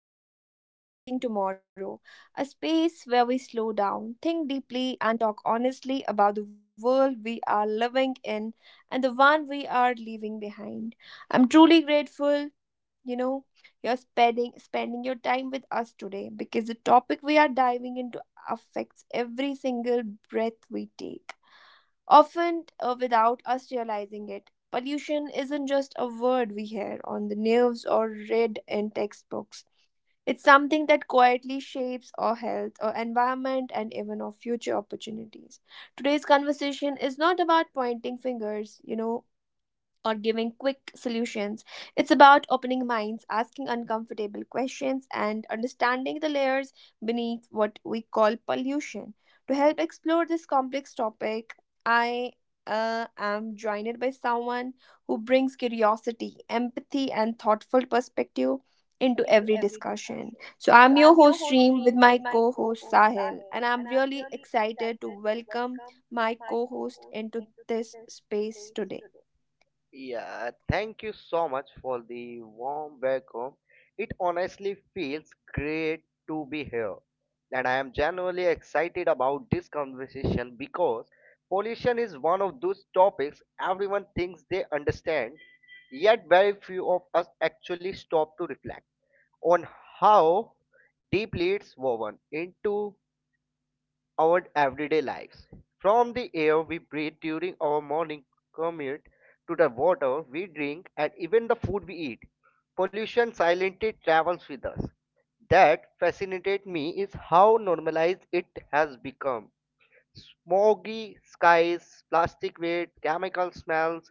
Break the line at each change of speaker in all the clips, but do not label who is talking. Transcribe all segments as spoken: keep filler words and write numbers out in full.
episode of Breathing Tomorrow, a space where we slow down, think deeply, and talk honestly about the world we are living in and the one we are leaving behind. I'm truly grateful, you know, you're spending, spending your time with us today because the topic we are diving into affects every single breath we take, often uh, without us realizing it. Pollution isn't just a word we hear on the news or read in textbooks. It's something that quietly shapes our health, our environment, and even our future opportunities. Today's conversation is not about pointing fingers, you know, or giving quick solutions. It's about opening minds, asking uncomfortable questions, and understanding the layers beneath what we call pollution. To help explore this complex topic, I uh, am joined by someone who brings curiosity, empathy, and thoughtful perspective into every discussion. So, I'm your host, Reem, with my co host, Sahil, and I'm really excited to welcome my co host into this space today.
Yeah, thank you so much for the warm welcome. It honestly feels great to be here. And I am genuinely excited about this conversation because pollution is one of those topics everyone thinks they understand, yet very few of us actually stop to reflect on how deeply it's woven into our everyday lives. From the air we breathe during our morning commute to the water we drink and even the food we eat, pollution silently travels with us. That fascinated me is how normalized it has become. Smoggy skies, plastic waste, chemical smells,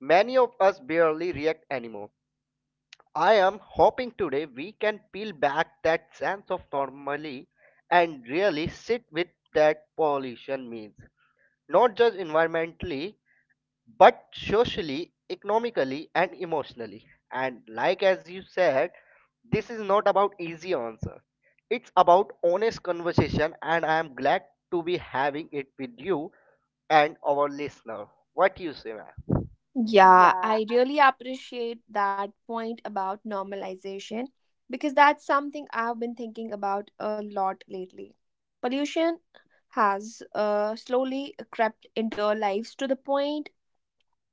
many of us barely react anymore. I am hoping today we can peel back that sense of normally and really sit with that pollution means not just environmentally but socially, economically, and emotionally. And like as you said, this is not about easy answer, it's about honest conversation, and I am glad to be having it with you and our listener. What you say, man?
Yeah, I really appreciate that point about normalization because that's something I've been thinking about a lot lately. Pollution has uh, slowly crept into our lives to the point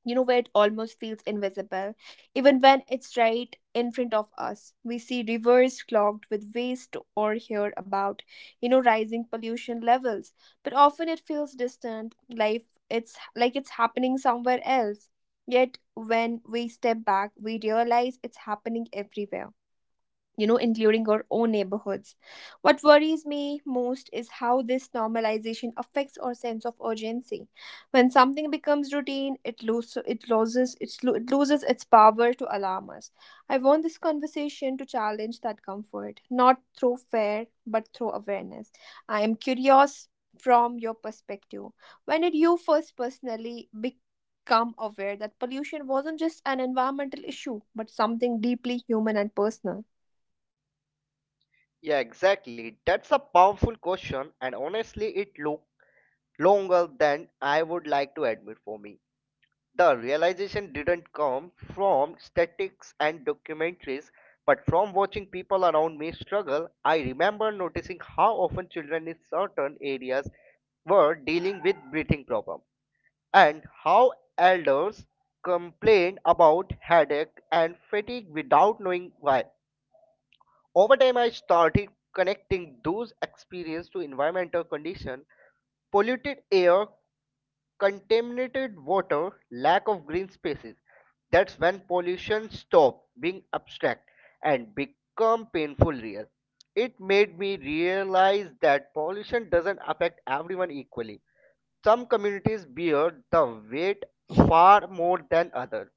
you know where it almost feels invisible even when it's right in front of us. We see rivers clogged with waste or hear about you know rising pollution levels, but often it feels distant life. It's like it's happening somewhere else. Yet, when we step back, we realize it's happening everywhere you know, including our own neighborhoods. What worries me most is how this normalization affects our sense of urgency. When something becomes routine, it loses it loses its lo- it loses its power to alarm us. I want this conversation to challenge that comfort, not through fear but through awareness. I am curious from your perspective. When did you first personally become aware that pollution wasn't just an environmental issue but something deeply human and personal?
Yeah, exactly, that's a powerful question. And honestly, it look longer than I would like to admit. For me, the realization didn't come from statics and documentaries, but from watching people around me struggle. I remember noticing how often children in certain areas were dealing with breathing problem, and how elders complained about headache and fatigue without knowing why. Over time I started connecting those experiences to environmental condition: polluted air, contaminated water, lack of green spaces. That's when pollution stopped being abstract and become painful real. It made me realize that pollution doesn't affect everyone equally. Some communities bear the weight far more than others,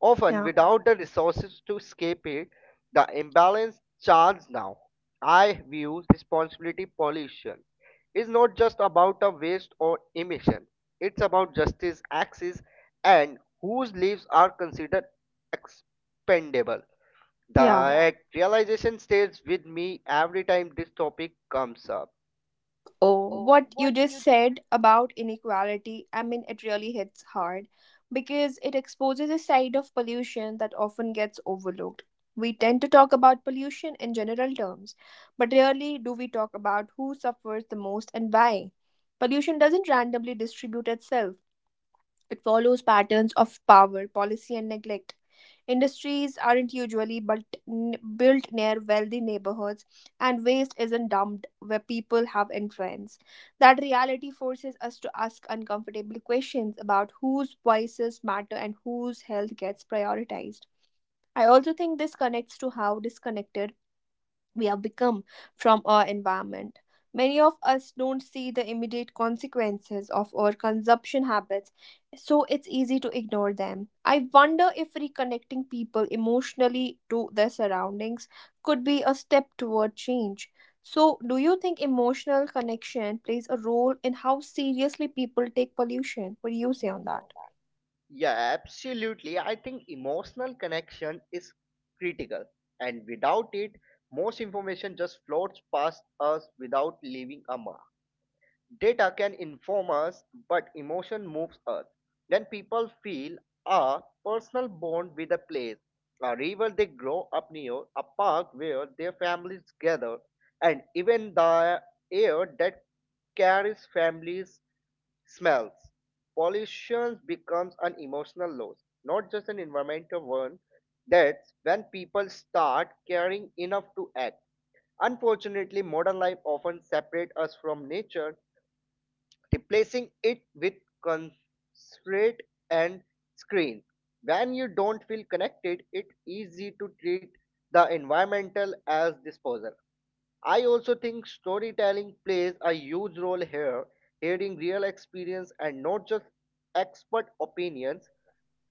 often
Yeah.
without the resources to escape it, the imbalance charge now. I view responsibility pollution is not just about a waste or emission. It's about justice, access, and whose lives are considered expendable.
Yeah.
Yeah. That realization stays with me every time this topic comes up.
Oh, what you just said about inequality, I mean, it really hits hard because it exposes a side of pollution that often gets overlooked. We tend to talk about pollution in general terms, but rarely do we talk about who suffers the most and why. Pollution doesn't randomly distribute itself, it follows patterns of power, policy, and neglect. Industries aren't usually built, built near wealthy neighborhoods, and waste isn't dumped where people have influence. That reality forces us to ask uncomfortable questions about whose voices matter and whose health gets prioritized. I also think this connects to how disconnected we have become from our environment. Many of us don't see the immediate consequences of our consumption habits, so it's easy to ignore them. I wonder if reconnecting people emotionally to their surroundings could be a step toward change. So, do you think emotional connection plays a role in how seriously people take pollution? What do you say on that?
Yeah, absolutely. I think emotional connection is critical, and without it, most information just floats past us without leaving a mark. Data can inform us, but emotion moves us. When people feel a personal bond with a place, a river they grow up near, a park where their families gather, and even the air that carries families smells. Pollution becomes an emotional loss, not just an environmental one. That's when people start caring enough to act. Unfortunately, modern life often separates us from nature, replacing it with constraint and screen. When you don't feel connected, it's easy to treat the environmental as disposal. I also think storytelling plays a huge role here. Hearing real experience and not just expert opinions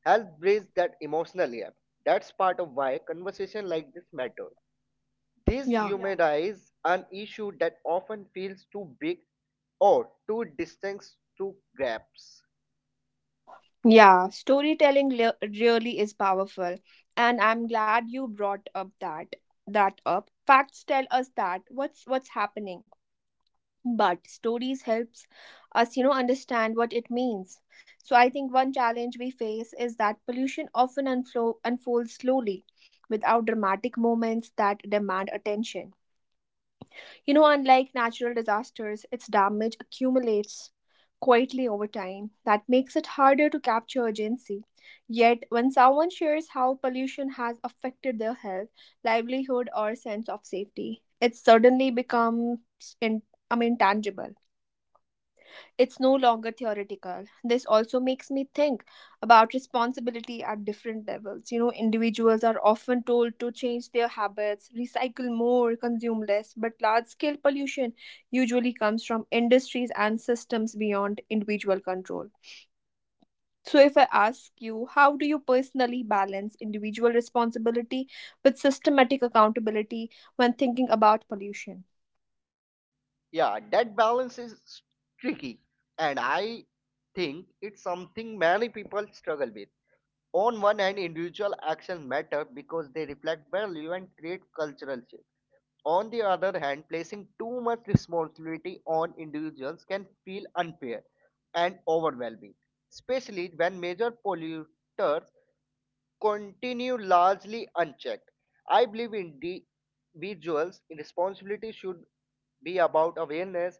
helps bridge that emotional gap. That's part of why conversation like this matter. This
Yeah.
Yeah. humanize an issue that often feels too big or too distant to grasp.
Yeah, storytelling le- really is powerful, and I'm glad you brought up that that up. Facts tell us that what's what's happening, but stories helps us, you know, understand what it means. So I think one challenge we face is that pollution often unflo- unfolds slowly, without dramatic moments that demand attention. You know, unlike natural disasters, its damage accumulates quietly over time. That makes it harder to capture urgency. Yet, when someone shares how pollution has affected their health, livelihood, or sense of safety, it suddenly becomes in, I mean, tangible. It's no longer theoretical. This also makes me think about responsibility at different levels. You know, individuals are often told to change their habits, recycle more, consume less, but large scale pollution usually comes from industries and systems beyond individual control. So, if I ask you, how do you personally balance individual responsibility with systematic accountability when thinking about pollution?
Yeah, that balance is tricky, and I think it's something many people struggle with. On one hand, individual actions matter because they reflect value and create cultural shift. On the other hand, placing too much responsibility on individuals can feel unfair and overwhelming, especially when major polluters continue largely unchecked. I believe individuals' responsibility should be about awareness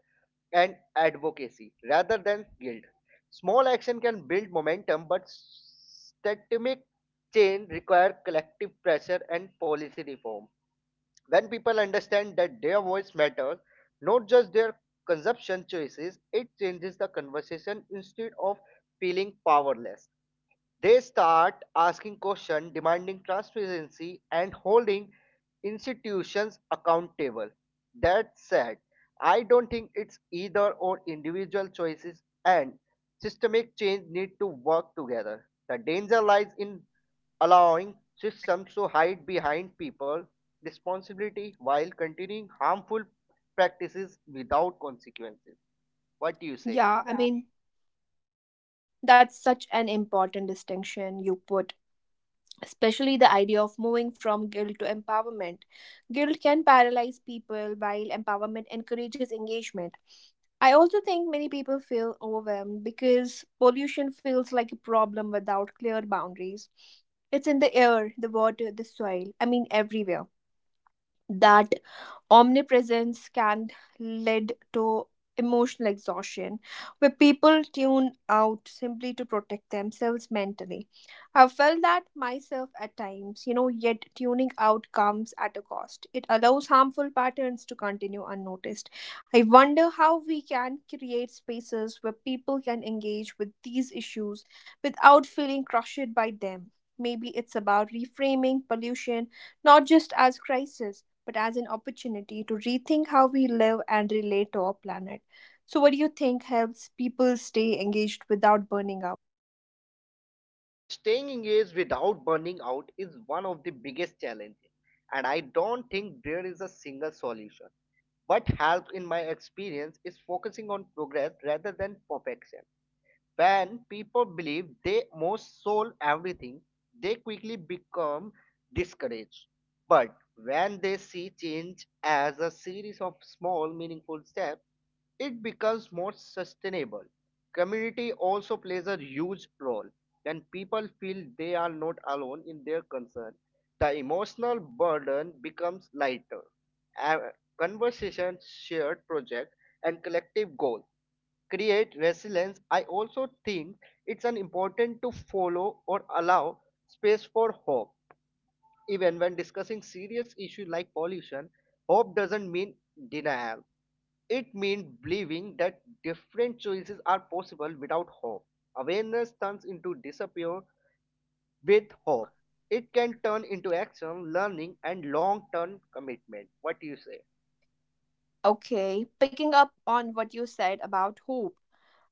and advocacy rather than guilt. Small action can build momentum, but systemic change requires collective pressure and policy reform. When people understand that their voice matters, not just their consumption choices, it changes the conversation. Instead of feeling powerless, they start asking questions, demanding transparency, and holding institutions accountable. That said, I don't think it's either or. Individual choices and systemic change need to work together. The danger lies in allowing systems to hide behind people responsibility while continuing harmful practices without consequences. What do you say?
Yeah, I mean, that's such an important distinction you put, especially the idea of moving from guilt to empowerment. Guilt can paralyze people while empowerment encourages engagement. I also think many people feel overwhelmed because pollution feels like a problem without clear boundaries. It's in the air, the water, the soil, I mean, everywhere. That omnipresence can lead to emotional exhaustion where people tune out simply to protect themselves mentally. I've felt that myself at times you know yet tuning out comes at a cost. It allows harmful patterns to continue unnoticed. I wonder how we can create spaces where people can engage with these issues without feeling crushed by them. Maybe it's about reframing pollution, not just as crisis but as an opportunity to rethink how we live and relate to our planet. So, what do you think helps people stay engaged without burning out?
Uh, staying engaged without burning out is one of the biggest challenges, and I don't think there is a single solution. What helps in my experience is focusing on progress rather than perfection. When people believe they must solve everything, they quickly become discouraged. But when they see change as a series of small, meaningful steps, it becomes more sustainable. Community also plays a huge role. When people feel they are not alone in their concern, the emotional burden becomes lighter. A- Conversation, shared project, and collective goal create resilience. I also think it's an important to follow or allow space for hope, even when discussing serious issues like pollution. Hope doesn't mean denial, it means believing that different choices are possible. Without hope, awareness turns into disappear. With hope, it can turn into action, learning, and long term commitment. What do you say?
Okay, picking up on what you said about hope.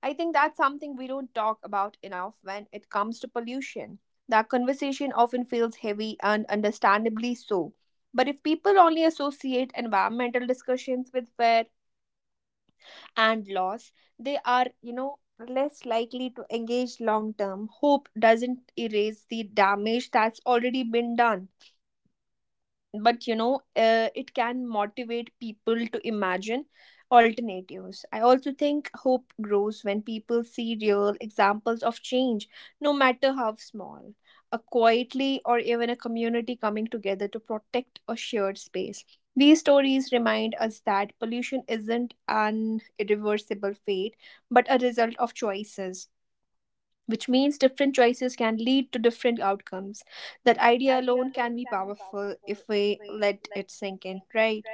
I think that's something we don't talk about enough when it comes to pollution. That conversation often feels heavy and understandably so. But if people only associate environmental discussions with fear, and loss, they are, you know, less likely to engage long term. Hope doesn't erase the damage that's already been done, but you know uh, it can motivate people to imagine alternatives. I also think hope grows when people see real examples of change, no matter how small, a quietly or even a community coming together to protect a shared space. These stories remind us that pollution isn't an irreversible fate but a result of choices, which means different choices can lead to different outcomes. That idea alone can be powerful if we let it sink in, right?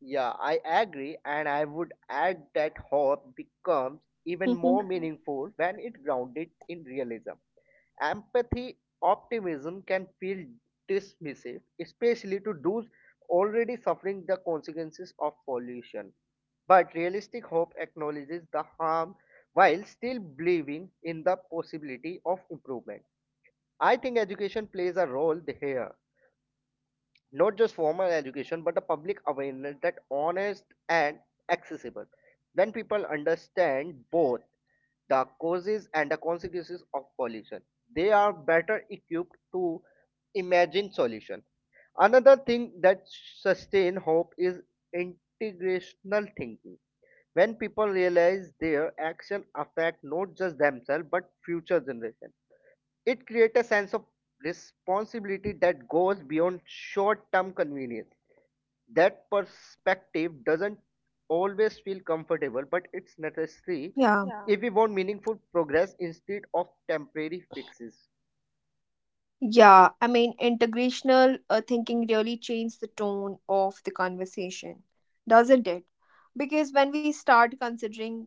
Yeah, I agree, and I would add that hope becomes even more
Hmm.
meaningful when it's grounded in realism. Empathy, optimism can feel dismissive, especially to those already suffering the consequences of pollution. But realistic hope acknowledges the harm while still believing in the possibility of improvement. I think education plays a role here, not just formal education but a public awareness that honest and accessible. When people understand both the causes and the consequences of pollution, they are better equipped to imagine solution. Another thing that sustain hope is integrational thinking. When people realize their action affect not just themselves but future generation, it creates a sense of responsibility that goes beyond short term convenience. That perspective doesn't always feel comfortable, but it's necessary
Yeah.
if we want meaningful progress instead of temporary fixes.
Yeah, I mean, integrational uh, thinking really changed the tone of the conversation, doesn't it? Because when we start considering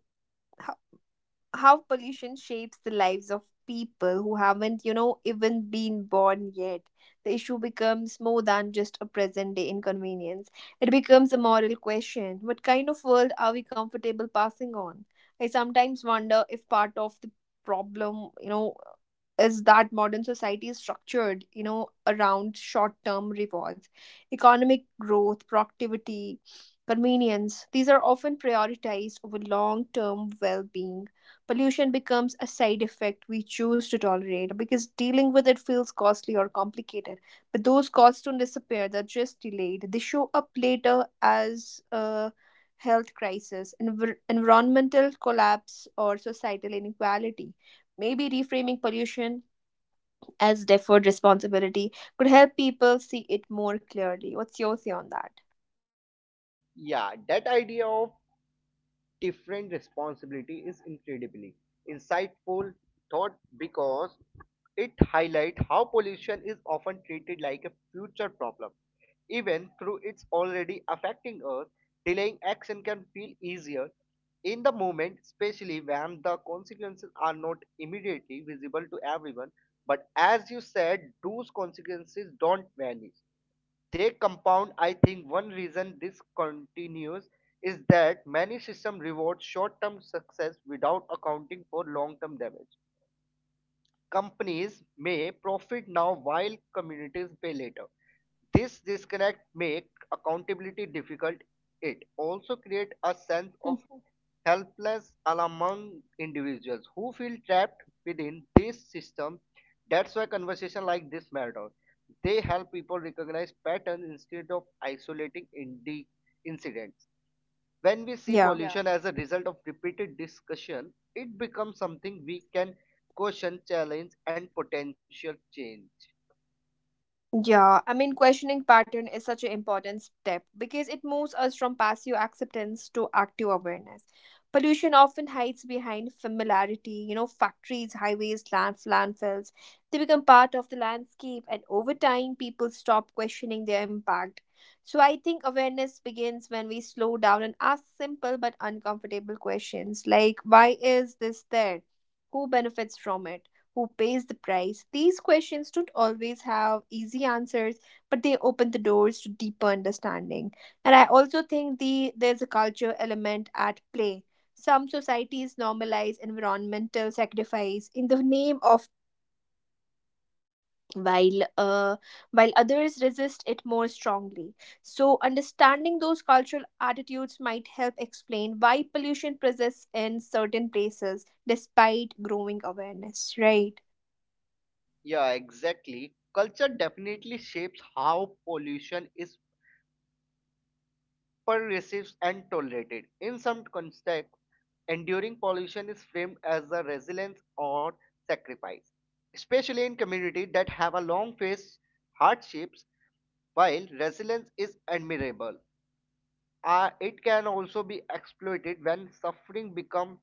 how pollution shapes the lives of people who haven't, you know, even been born yet. The issue becomes more than just a present day inconvenience. It becomes a moral question. What kind of world are we comfortable passing on? I sometimes wonder if part of the problem, you know, is that modern society is structured, you know, around short term rewards, economic growth, productivity, convenience. These are often prioritized over long term well being. Pollution becomes a side effect we choose to tolerate because dealing with it feels costly or complicated. But those costs don't disappear, they're just delayed. They show up later as a health crisis, envir- environmental collapse, or societal inequality. Maybe reframing pollution as deferred responsibility could help people see it more clearly. What's your say on that?
Yeah, that idea of different responsibility is incredibly insightful thought, because it highlights how pollution is often treated like a future problem, even through it's already affecting us. Delaying action can feel easier in the moment, especially when the consequences are not immediately visible to everyone. But as you said, those consequences don't vanish, they compound. I think one reason this continues is that many systems reward short term success without accounting for long term damage. Companies may profit now while communities pay later. This disconnect make accountability difficult. It also create a sense of
Hmm.
helplessness among individuals who feel trapped within this system. That's why conversation like this matter. They help people recognize patterns instead of isolating indi- incidents. When we see Yeah.
Yeah.
pollution yeah as a result of repeated discussion, it becomes something we can question, challenge, and potential change.
Yeah, I mean, questioning pattern is such an important step because it moves us from passive acceptance to active awareness. Pollution often hides behind familiarity. You know, factories, highways, land, landfills, they become part of the landscape, and over time, people stop questioning their impact. So, I think awareness begins when we slow down and ask simple but uncomfortable questions like, why is this there? Who benefits from it? Who pays the price? These questions don't always have easy answers, but they open the doors to deeper understanding. And I also think the there's a culture element at play. Some societies normalize environmental sacrifice in the name of progress, while uh, while others resist it more strongly. So, understanding those cultural attitudes might help explain why pollution persists in certain places despite growing awareness, right?
Yeah, exactly. Culture definitely shapes how pollution is perceived and tolerated. In some contexts, enduring pollution is framed as a resilience or sacrifice, especially in communities that have a long faced hardships. While resilience is admirable, uh, it can also be exploited. When suffering becomes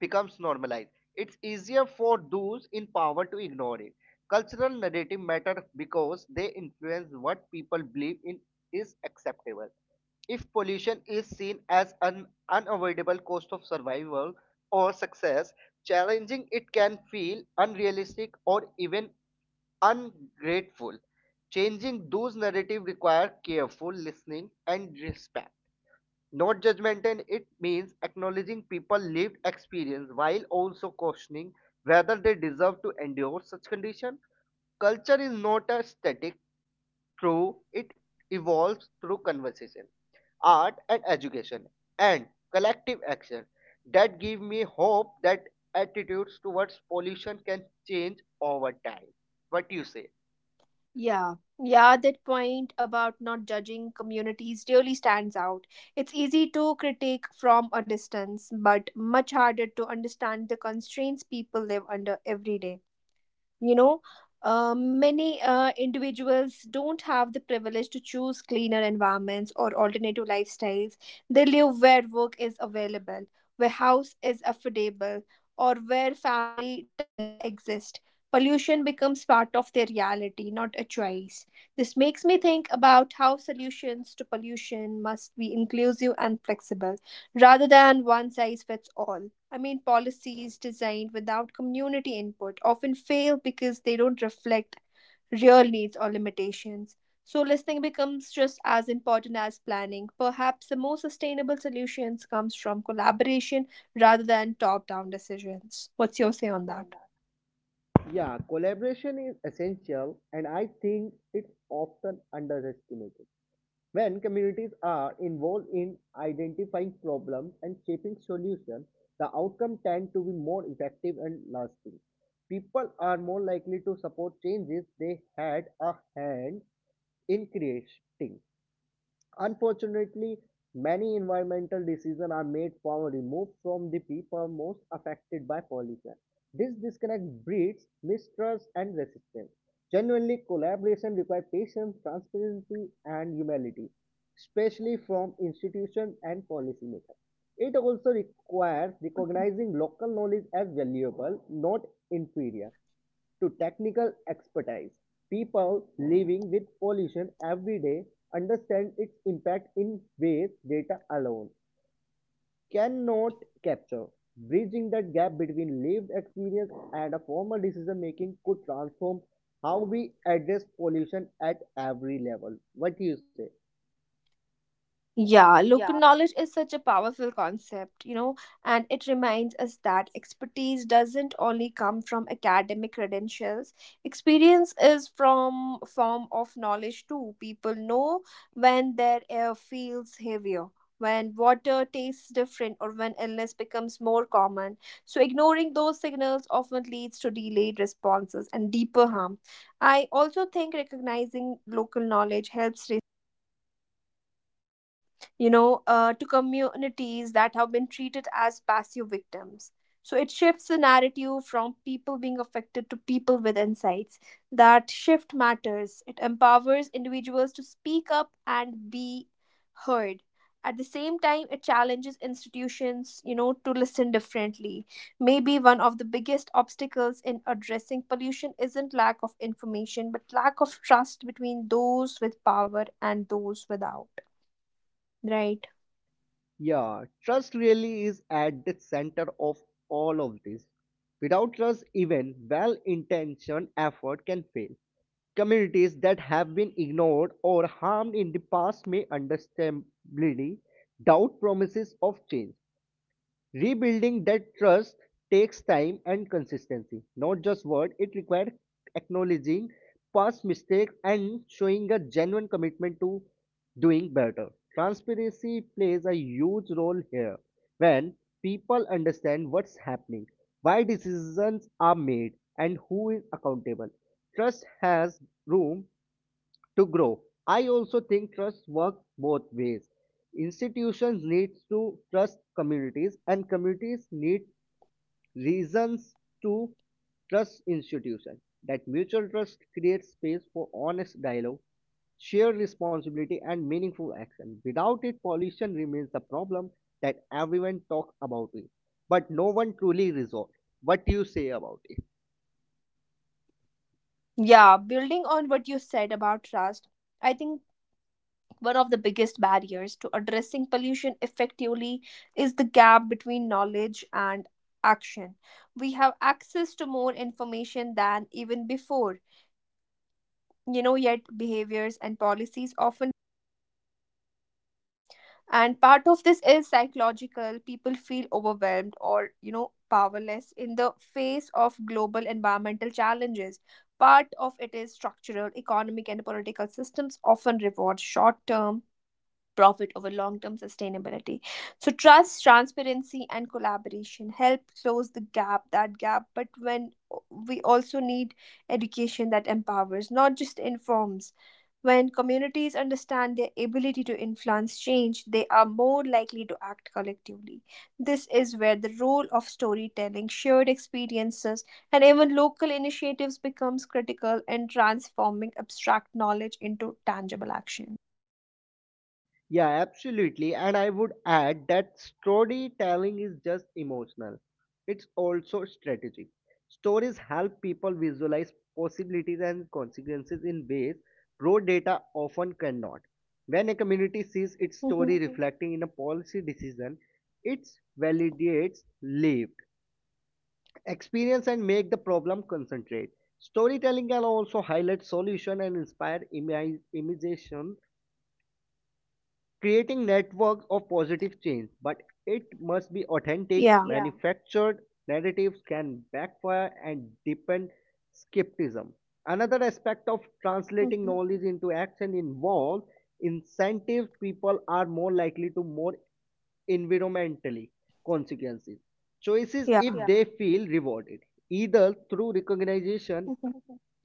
becomes normalized, it's easier for those in power to ignore it. Cultural narrative matter because they influence what people believe in is acceptable. If pollution is seen as an unavoidable cost of survival or success, challenging it can feel unrealistic or even ungrateful. Changing those narratives require careful listening and respect. Not judgmental, it means acknowledging people's lived experience while also questioning whether they deserve to endure such condition. Culture is not a static true, it evolves through conversation, art and education, and collective action. That give me hope that attitudes towards pollution can change over time. What you say?
Yeah, yeah, that point about not judging communities really stands out. It's easy to critique from a distance, but much harder to understand the constraints people live under every day. You know uh, many uh, individuals don't have the privilege to choose cleaner environments or alternative lifestyles. They live where work is available, where house is affordable, or where family ties exist. Pollution becomes part of their reality, not a choice. This makes me think about how solutions to pollution must be inclusive and flexible rather than one size fits all. I mean, policies designed without community input often fail because they don't reflect real needs or limitations. So, listening becomes just as important as planning. Perhaps the most sustainable solutions comes from collaboration rather than top-down decisions. What's your say on that?
Yeah, collaboration is essential and I think it's often underestimated. When communities are involved in identifying problems and shaping solutions, the outcome tend to be more effective and lasting. People are more likely to support changes they had a hand in creating. Unfortunately, many environmental decisions are made far removed from the people most affected by pollution. This disconnect breeds mistrust and resistance. Genuinely, collaboration requires patience, transparency, and humility, especially from institutions and policymakers. It also requires recognizing local knowledge as valuable, not inferior to technical expertise. People living with pollution every day understand its impact in ways data alone cannot capture. Bridging that gap between lived experience and a formal decision making could transform how we address pollution at every level. What do you say?
Yeah, local knowledge is such a powerful concept, you know, and it reminds us that expertise doesn't only come from academic credentials. Experience is from a form of knowledge too. People know when their air feels heavier, when water tastes different, or when illness becomes more common. So ignoring those signals often leads to delayed responses and deeper harm. I also think recognizing local knowledge helps restore dignity you know, uh, to communities that have been treated as passive victims. So it shifts the narrative from people being affected to people with insights. That shift matters. It empowers individuals to speak up and be heard. At the same time, it challenges institutions, you know, to listen differently. Maybe one of the biggest obstacles in addressing pollution isn't lack of information, but lack of trust between those with power and those without, right?
Yeah, trust really is at the center of all of this. Without trust, even well intentioned effort can fail. Communities that have been ignored or harmed in the past may understandably doubt promises of change. Rebuilding that trust takes time and consistency, not just word. It requires acknowledging past mistakes and showing a genuine commitment to doing better. Transparency plays a huge role here. When people understand what's happening, why decisions are made, and who is accountable, trust has room to grow. I also think trust works both ways. Institutions need to trust communities, and communities need reasons to trust institutions. That mutual trust creates space for honest dialogue, shared responsibility, and meaningful action. Without it, pollution remains a problem that everyone talks about it, but no one truly resolves. What do you say about it?
Yeah, building on what you said about trust, I think one of the biggest barriers to addressing pollution effectively is the gap between knowledge and action. We have access to more information than even before, you know, yet behaviors and policies often lag behind. And part of this is psychological. People feel overwhelmed or you know powerless in the face of global environmental challenges. Part of it is structural. Economic and political systems often reward short term profit over long term sustainability. So, trust, transparency, and collaboration help close the gap, that gap. But when we also need education that empowers, not just informs. When communities understand their ability to influence change, they are more likely to act collectively. This is where the role of storytelling, shared experiences, and even local initiatives becomes critical in transforming abstract knowledge into tangible action.
Yeah, absolutely. And I would add that storytelling is just emotional. It's also strategic. Stories help people visualize possibilities and consequences in ways raw data often cannot. When a community sees its
Mhm.
story reflecting in a policy decision, it validates lived experience and make the problem concentrate. Storytelling can also highlight solution and inspire imaginations, creating network of positive change. But it must be authentic
Yeah.
Yeah. Manufactured narratives can backfire and deepen skepticism. Another aspect of translating
Mhm.
knowledge into action involves incentives. People are more likely to more environmentally consequences choices if,
Yeah.
yeah, they feel rewarded, either through recognition,
Mhm.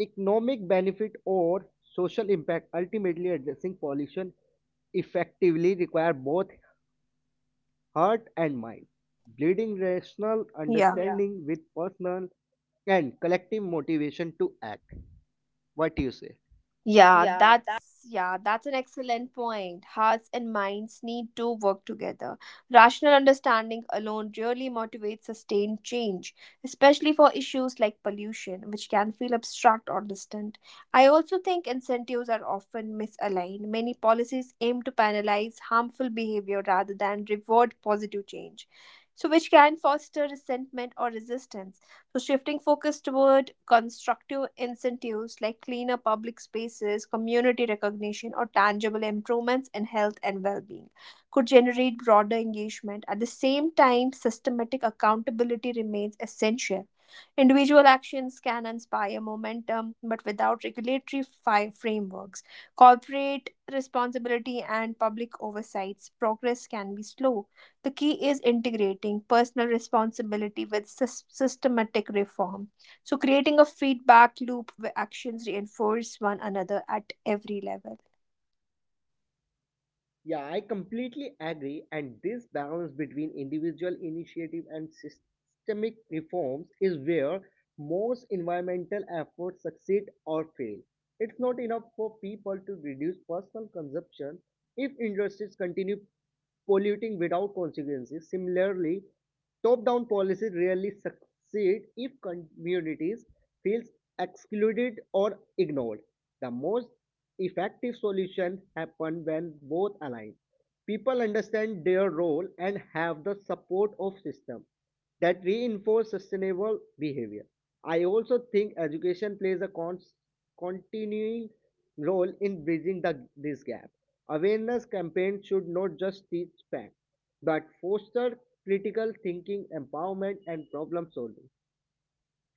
economic benefit, or social impact. Ultimately, addressing pollution effectively require both heart and mind, bleeding rational, yeah,
Yeah.
understanding with personal and collective motivation to act. What do you say?
Yeah, that's yeah, that's an excellent point. Hearts and minds need to work together. Rational understanding alone really motivates sustained change, especially for issues like pollution, which can feel abstract or distant. I also think incentives are often misaligned. Many policies aim to penalize harmful behavior rather than reward positive change. So, which can foster resentment or resistance. So, shifting focus toward constructive incentives like cleaner public spaces, community recognition, or tangible improvements in health and well being could generate broader engagement. At the same time, systematic accountability remains essential. Individual actions can inspire momentum, but without regulatory fi- frameworks, corporate responsibility, and public oversights, progress can be slow. The key is integrating personal responsibility with sys- systematic reform. So, creating a feedback loop where actions reinforce one another at every level.
Yeah, I completely agree. And this balance between individual initiative and systemic reforms is where most environmental efforts succeed or fail. It's not enough for people to reduce personal consumption if industries continue polluting without consequences. Similarly, top down policies rarely succeed if communities feel excluded or ignored. The most effective solutions happen when both align. People understand their role and have the support of system that reinforce sustainable behavior. I also think education plays a con- continuing role in bridging the, this gap. Awareness campaigns should not just teach facts, but foster critical thinking, empowerment, and problem solving.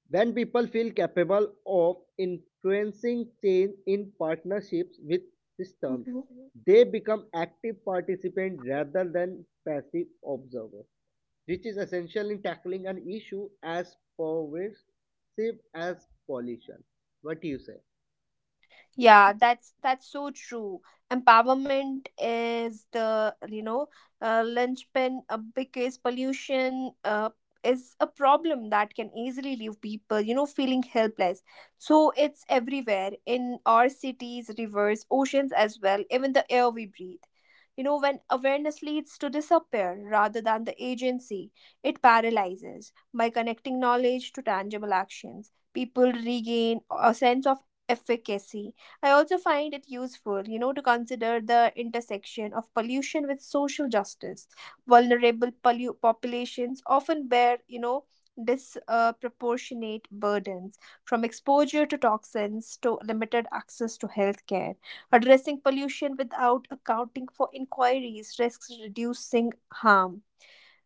When people feel capable of influencing change in partnerships with systems,
Mm-hmm.
they become active participants rather than passive observers, which is essential in tackling an issue as pervasive as pollution. What do you say?
Yeah, that's that's so true. Empowerment is the you know uh, linchpin, uh, because pollution uh, is a problem that can easily leave people you know feeling helpless. So it's everywhere in our cities, rivers, oceans as well, even the air we breathe. You know, when awareness leads to disappear rather than the agency, it paralyzes. By connecting knowledge to tangible actions, people regain a sense of efficacy. I also find it useful, you know, to consider the intersection of pollution with social justice. Vulnerable pollu- populations often bear, you know, disproportionate burdens from exposure to toxins to limited access to healthcare. Addressing pollution without accounting for inquiries risks reducing harm.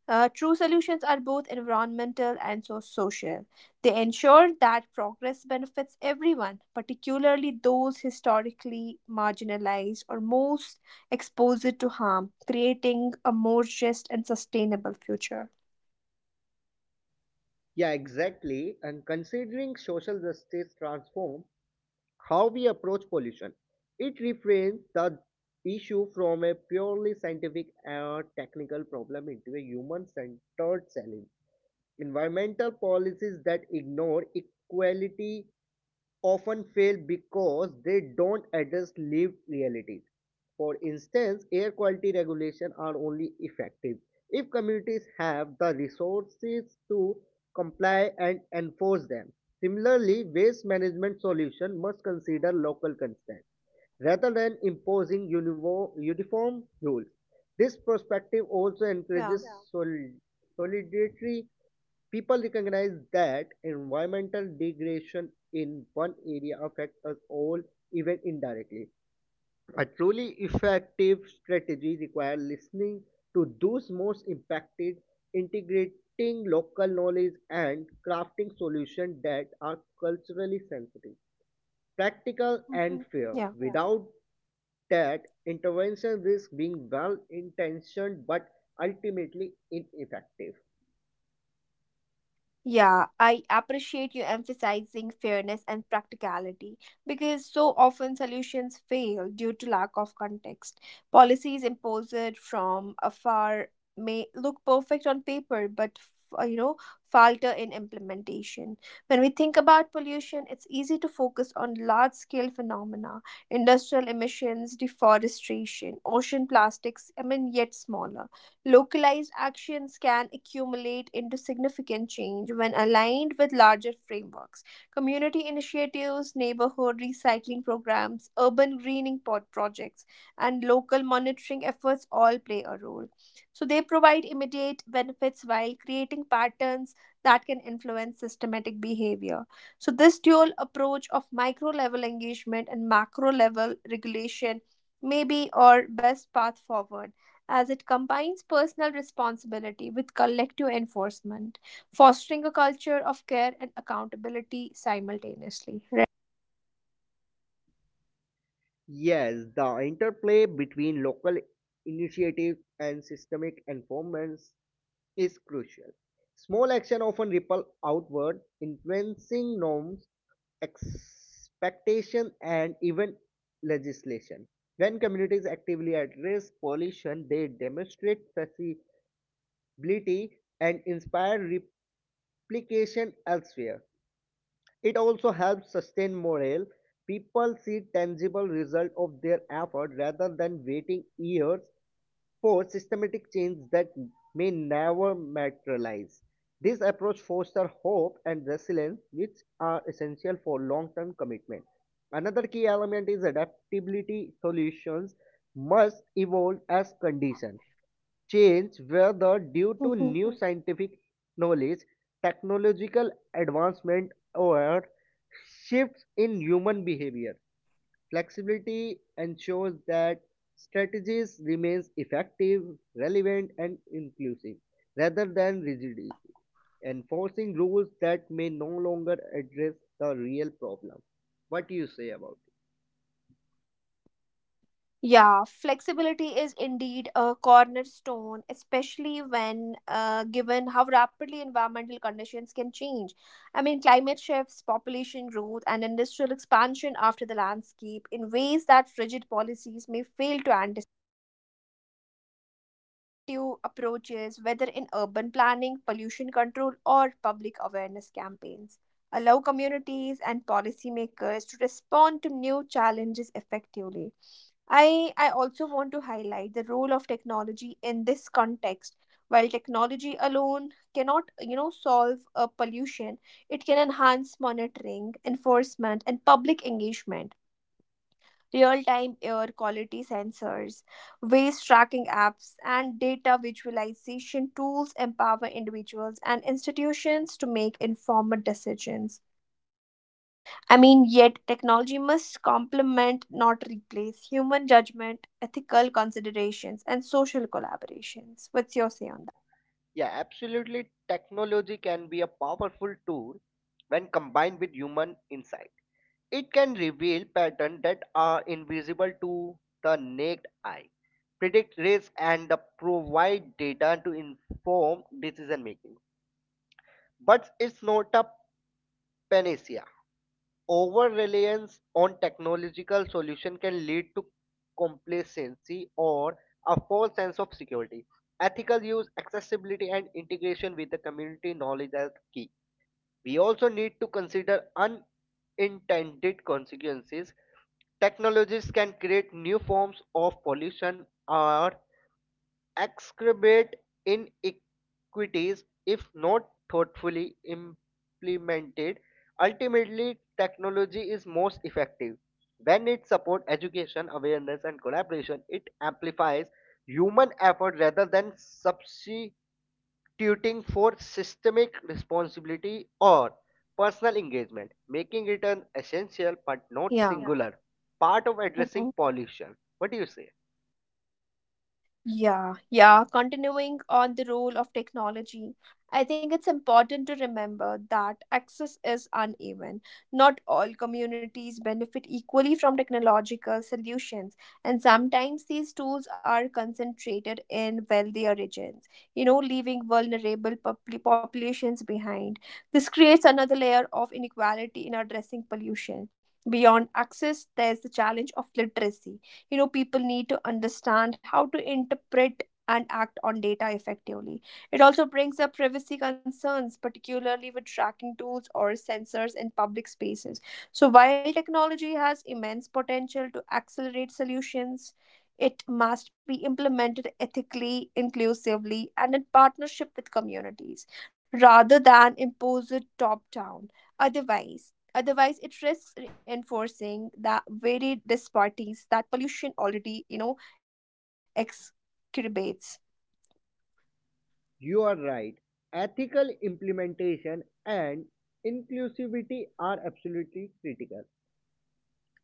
uh, True solutions are both environmental and so social. They ensure that progress benefits everyone, particularly those historically marginalized or most exposed to harm, creating a more just and sustainable future.
Yeah, exactly. And considering social justice transform how we approach pollution. It reframes the issue from a purely scientific or technical problem into a human centered challenge. Environmental policies that ignore equality often fail because they don't address lived realities. For instance, air quality regulations are only effective if communities have the resources to comply and enforce them. Similarly, waste management solutions must consider local constraints rather than imposing uniform rules. This perspective also
Yeah.
encourages sol- solidarity. People recognize that environmental degradation in one area affects us all, even indirectly. A truly effective strategy requires listening to those most impacted, integrating local knowledge, and crafting solutions that are culturally sensitive, practical, and
Hmm.
fair.
Yeah.
Yeah. Without that, intervention risks being well intentioned but ultimately ineffective.
Yeah, I appreciate you emphasizing fairness and practicality because so often solutions fail due to lack of context. Policies imposed from afar may look perfect on paper but f- uh, you know falter in implementation. When we think about pollution, it's easy to focus on large scale phenomena, industrial emissions, deforestation, ocean plastics. I mean, yet smaller localized actions can accumulate into significant change when aligned with larger frameworks. Community initiatives, neighborhood recycling programs, urban greening pod projects, and local monitoring efforts all play a role. So they provide immediate benefits while creating patterns that can influence systematic behavior. So this dual approach of micro level engagement and macro level regulation may be our best path forward, as it combines personal responsibility with collective enforcement, fostering a culture of care and accountability simultaneously. Right.
Yes, the interplay between local initiatives and systemic enforcements is crucial. Small action often ripple outward, influencing norms, expectation, and even legislation. When communities actively address pollution, they demonstrate flexibility and inspire replication elsewhere. It also helps sustain morale. People see tangible result of their effort rather than waiting years for systematic change that may never materialize. This approach fosters hope and resilience, which are essential for long-term commitment. Another key element is adaptability. Solutions must evolve as conditions change, whether due to
Mhm.
new, mhm, scientific knowledge, technological advancement, or shifts in human behavior. Flexibility ensures that strategies remains effective, relevant, and inclusive rather than rigidity, enforcing rules that may no longer address the real problem. What do you say about it?
Yeah, flexibility is indeed a cornerstone, especially when uh, given how rapidly environmental conditions can change. I mean, climate shifts, population growth, and industrial expansion after the landscape in ways that rigid policies may fail to. you know Adaptive approaches, whether in urban planning, pollution control, or public awareness campaigns, allow communities and policymakers to respond to new challenges effectively. I, I also want to highlight the role of technology in this context. While technology alone cannot, you know, solve a pollution, it can enhance monitoring, enforcement, and public engagement. Real time air quality sensors, waste tracking apps, and data visualization tools empower individuals and institutions to make informed decisions. I mean, yet technology must complement, not replace, human judgment, ethical considerations, and social collaborations. What's your say on that?
Yeah, absolutely. Technology can be a powerful tool when combined with human insight. It can reveal patterns that are invisible to the naked eye, predict risk, and provide data to inform decision making. But it's not a panacea. Over reliance on technological solution can lead to complacency or a false sense of security. Ethical use, accessibility, and integration with the community knowledge are key. We also need to consider unintended consequences. Technologies can create new forms of pollution or exacerbate inequities if not thoughtfully implemented. Ultimately, technology is most effective when it supports education, awareness, and collaboration. It amplifies human effort rather than subsist tuting for systemic responsibility or personal engagement, making it an essential but not, yeah,
Yeah.
singular part of addressing pollution. What do you say?
Yeah, yeah. Continuing on the role of technology, I think it's important to remember that access is uneven. Not all communities benefit equally from technological solutions, and sometimes these tools are concentrated in wealthier regions, you know, leaving vulnerable popul- populations behind. This creates another layer of inequality in addressing pollution. Beyond access, there's the challenge of literacy. You know people need to understand how to interpret and act on data effectively. It also brings up privacy concerns, particularly with tracking tools or sensors in public spaces. So while technology has immense potential to accelerate solutions, it must be implemented ethically, inclusively, and in partnership with communities, rather than imposed top down. Otherwise, Otherwise, it risks reinforcing the very disparities that pollution already, you know, exacerbates.
You are right. Ethical implementation and inclusivity are absolutely critical.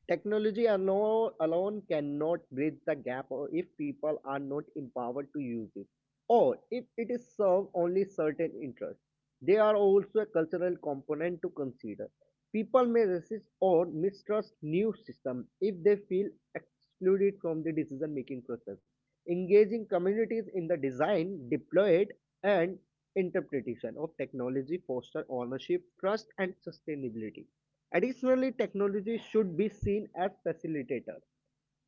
Technology alone, alone cannot bridge the gap or if people are not empowered to use it, or if it is served only certain interests. There are also a cultural component to consider. People may resist or mistrust new systems if they feel excluded from the decision making process. Engaging communities in the design, deployed, and interpretation of technology foster ownership, trust, and sustainability. Additionally, technology should be seen as facilitator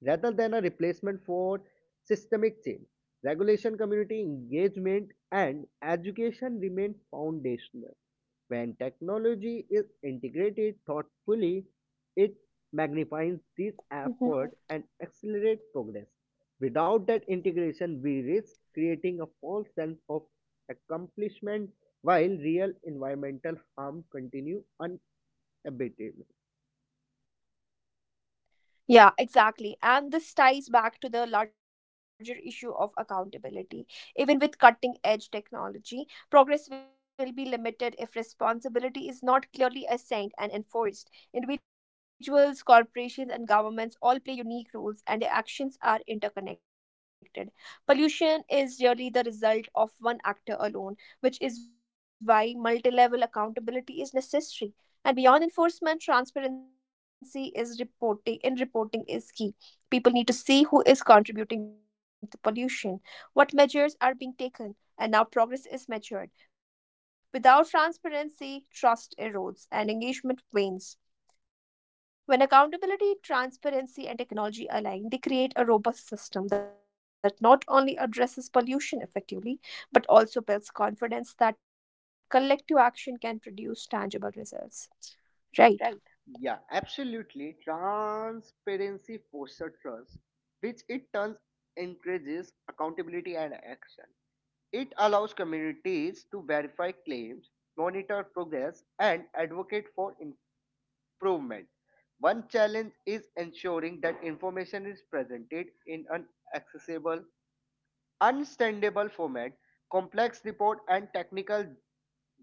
rather than a replacement for systemic change. Regulation, community engagement, and education remain foundational. When technology is integrated thoughtfully, it magnifies these efforts and accelerates progress. Without that integration, we risk creating a false sense of accomplishment while real environmental harm continue unabated.
Yeah, exactly. And this ties back to the larger issue of accountability. Even with cutting edge technology, progress will be limited if responsibility is not clearly assigned and enforced. Individuals, corporations, and governments all play unique roles, and their actions are interconnected. Pollution is really the result of one actor alone, which is why multi level accountability is necessary. And beyond enforcement, transparency is reporting in reporting is key. People need to see who is contributing to pollution, what measures are being taken, and now progress is measured. Without transparency, trust erodes and engagement wanes. When accountability, transparency, and technology align, they create a robust system that not only addresses pollution effectively, but also builds confidence that collective action can produce tangible results, right?
Yeah, absolutely. Transparency fosters trust, which it turns encourages accountability and action. It allows communities to verify claims, monitor progress, and advocate for improvement. One challenge is ensuring that information is presented in an accessible, understandable format. Complex report and technical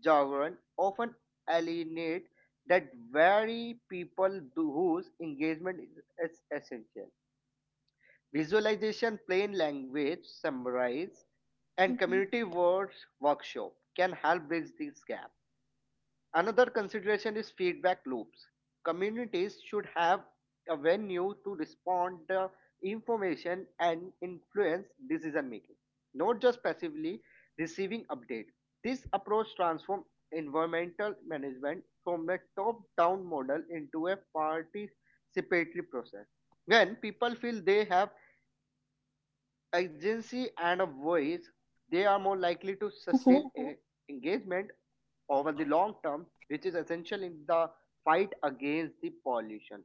jargon often alienate that very people, do- whose engagement is is essential. Visualization, plain language, summarize, and community words workshop
Mhm.
can help bridge this gap. Another consideration is feedback loops. Communities should have a venue to respond the information and influence decision making, not just passively receiving updates. This approach transforms environmental management from a top down model into a participatory process. When people feel they have agency and a voice, they are more likely to sustain e-
Mhm.
engagement over the long term, which is essential in the fight against the pollution.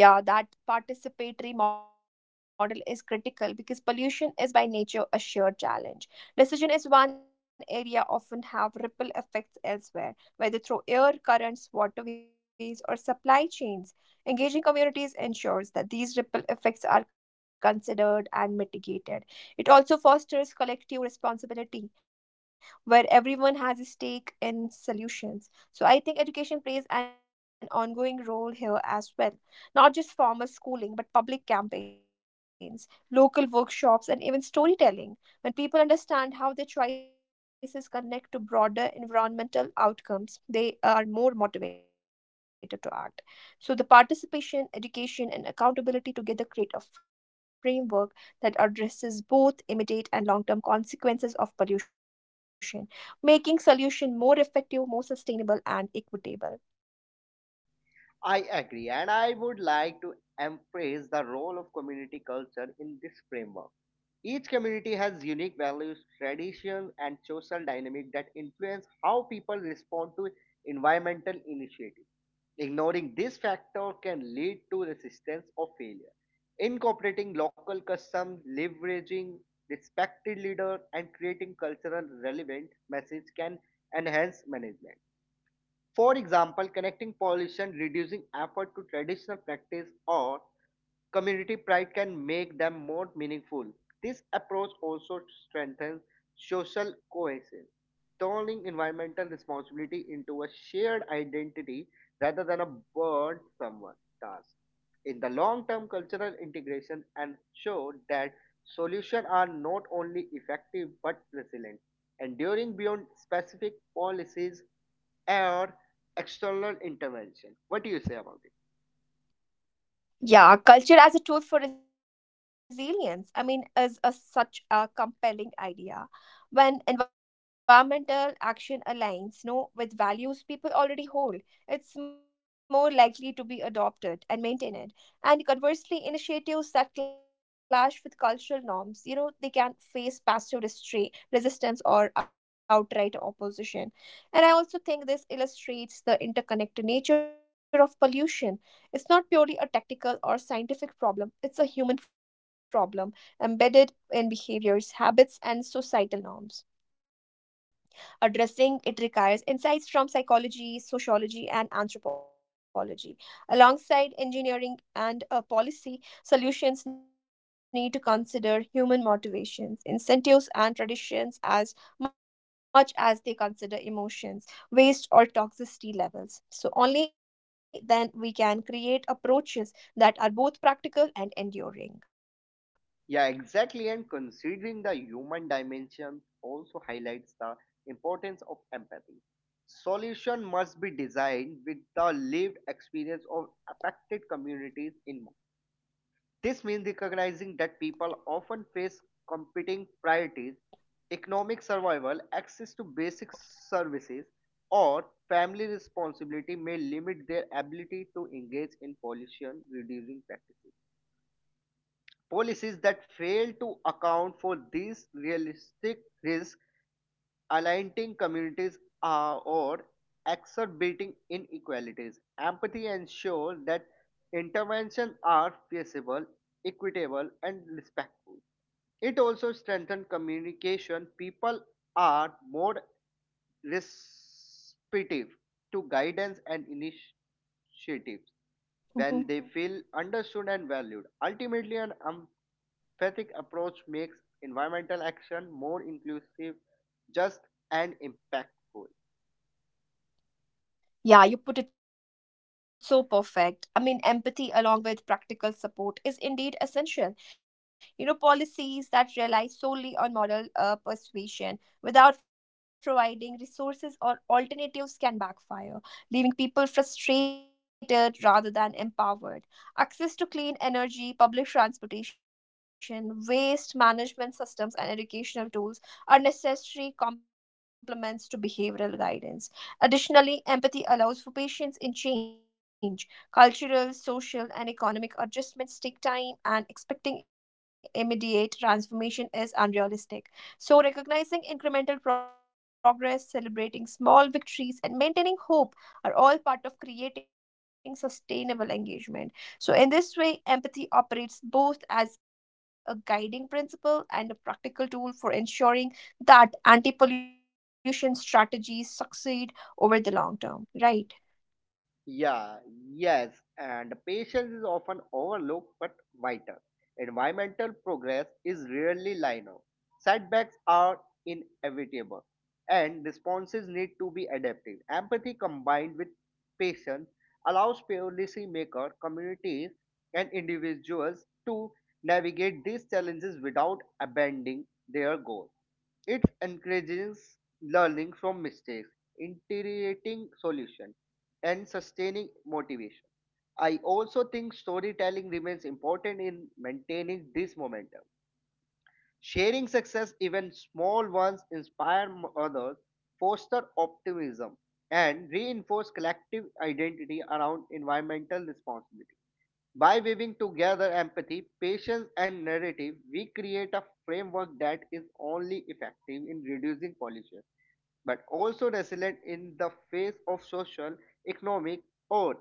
Oh, yeah, that participatory model is critical because pollution is by nature a sheer challenge. Decision is one area often have ripple effects elsewhere, whether through air, currents, waterways, or supply chains. Engaging communities ensures that these ripple effects are considered and mitigated. It also fosters collective responsibility, where everyone has a stake in solutions. So I think education plays an ongoing role here as well, not just formal schooling, but public campaigns, local workshops, and even storytelling. When people understand how their choices connect to broader environmental outcomes, they are more motivated to act. So, the participation, education, and accountability together create a framework that addresses both immediate and long term consequences of pollution, making solution more effective, more sustainable, and equitable. Do you
I
agree with that?
agree, and I would like to emphasize the role of community culture in this framework. Each community has unique values, traditions, and social dynamics that influence how people respond to environmental initiatives. Ignoring this factor can lead to resistance or failure. Incorporating local customs, leveraging respected leaders, and creating cultural relevant messages can enhance management. For example, connecting pollution, reducing effort to traditional practice, or community pride can make them more meaningful. This approach also strengthens social cohesion, turning environmental responsibility into a shared identity rather than a burden someone task. In the long term, cultural integration ensures that solutions are not only effective but resilient, enduring beyond specific policies or external intervention. What do you say about it?
Yeah, culture as a tool for resilience, I mean, is a, such a compelling idea. When environmental action aligns no, with values people already hold, it's more likely to be adopted and maintained. And conversely, initiatives that clash with cultural norms, you know, they can face passive restra- resistance or outright opposition. And I also think this illustrates the interconnected nature of pollution. It's not purely a tactical or scientific problem, it's a human problem embedded in behaviors, habits, and societal norms. Addressing it requires insights from psychology, sociology, and anthropology. Alongside engineering and uh, policy, solutions need to consider human motivations, incentives, and traditions as much as they consider emotions, waste, or toxicity levels. So, only then we can create approaches that are both practical and enduring.
Yeah, exactly. And considering the human dimension also highlights the importance of empathy. Solution must be designed with the lived experience of affected communities in mind. This means recognizing that people often face competing priorities, economic survival, access to basic services, or family responsibility may limit their ability to engage in pollution reducing practices. Policies that fail to account for these realistic risks, aligning communities, uh, or exacerbating inequalities. Empathy ensures that interventions are feasible, equitable, and respectful. It also strengthens communication. People are more receptive to guidance and initiatives when they feel understood and valued.
嗯哼。
Ultimately, an um. Fethic approach makes environmental action more inclusive, just, and impactful.
Yeah, you put it so perfect. I mean, empathy along with practical support is indeed essential. You know, policies that rely solely on moral uh, persuasion without providing resources or alternatives can backfire, leaving people frustrated rather than empowered. Access to clean energy, public transportation, waste management systems, and educational tools are necessary complements to behavioral guidance. Additionally, empathy allows for patience in change. Cultural, social, and economic adjustments take time, and expecting immediate transformation is unrealistic. So, recognizing incremental progress, celebrating small victories, and maintaining hope are all part of creating sustainable engagement. So, in this way, empathy operates both as a guiding principle and a practical tool for ensuring that anti pollution strategies succeed over the long term, right?
Yeah, yes, and patience is often overlooked but vital. Environmental progress is rarely linear. Setbacks are inevitable, and responses need to be adaptive. Empathy combined with patience allows policymakers, communities, and individuals to navigate these challenges without abandoning their goals. It encourages learning from mistakes, integrating solutions, and sustaining motivation. I also think storytelling remains important in maintaining this momentum. Sharing success, even small ones, inspire m- others, foster optimism, and reinforce collective identity around environmental responsibility. By weaving together empathy, patience, and narrative, we create a framework that is only effective in reducing pollution, but also resilient in the face of social, economic, or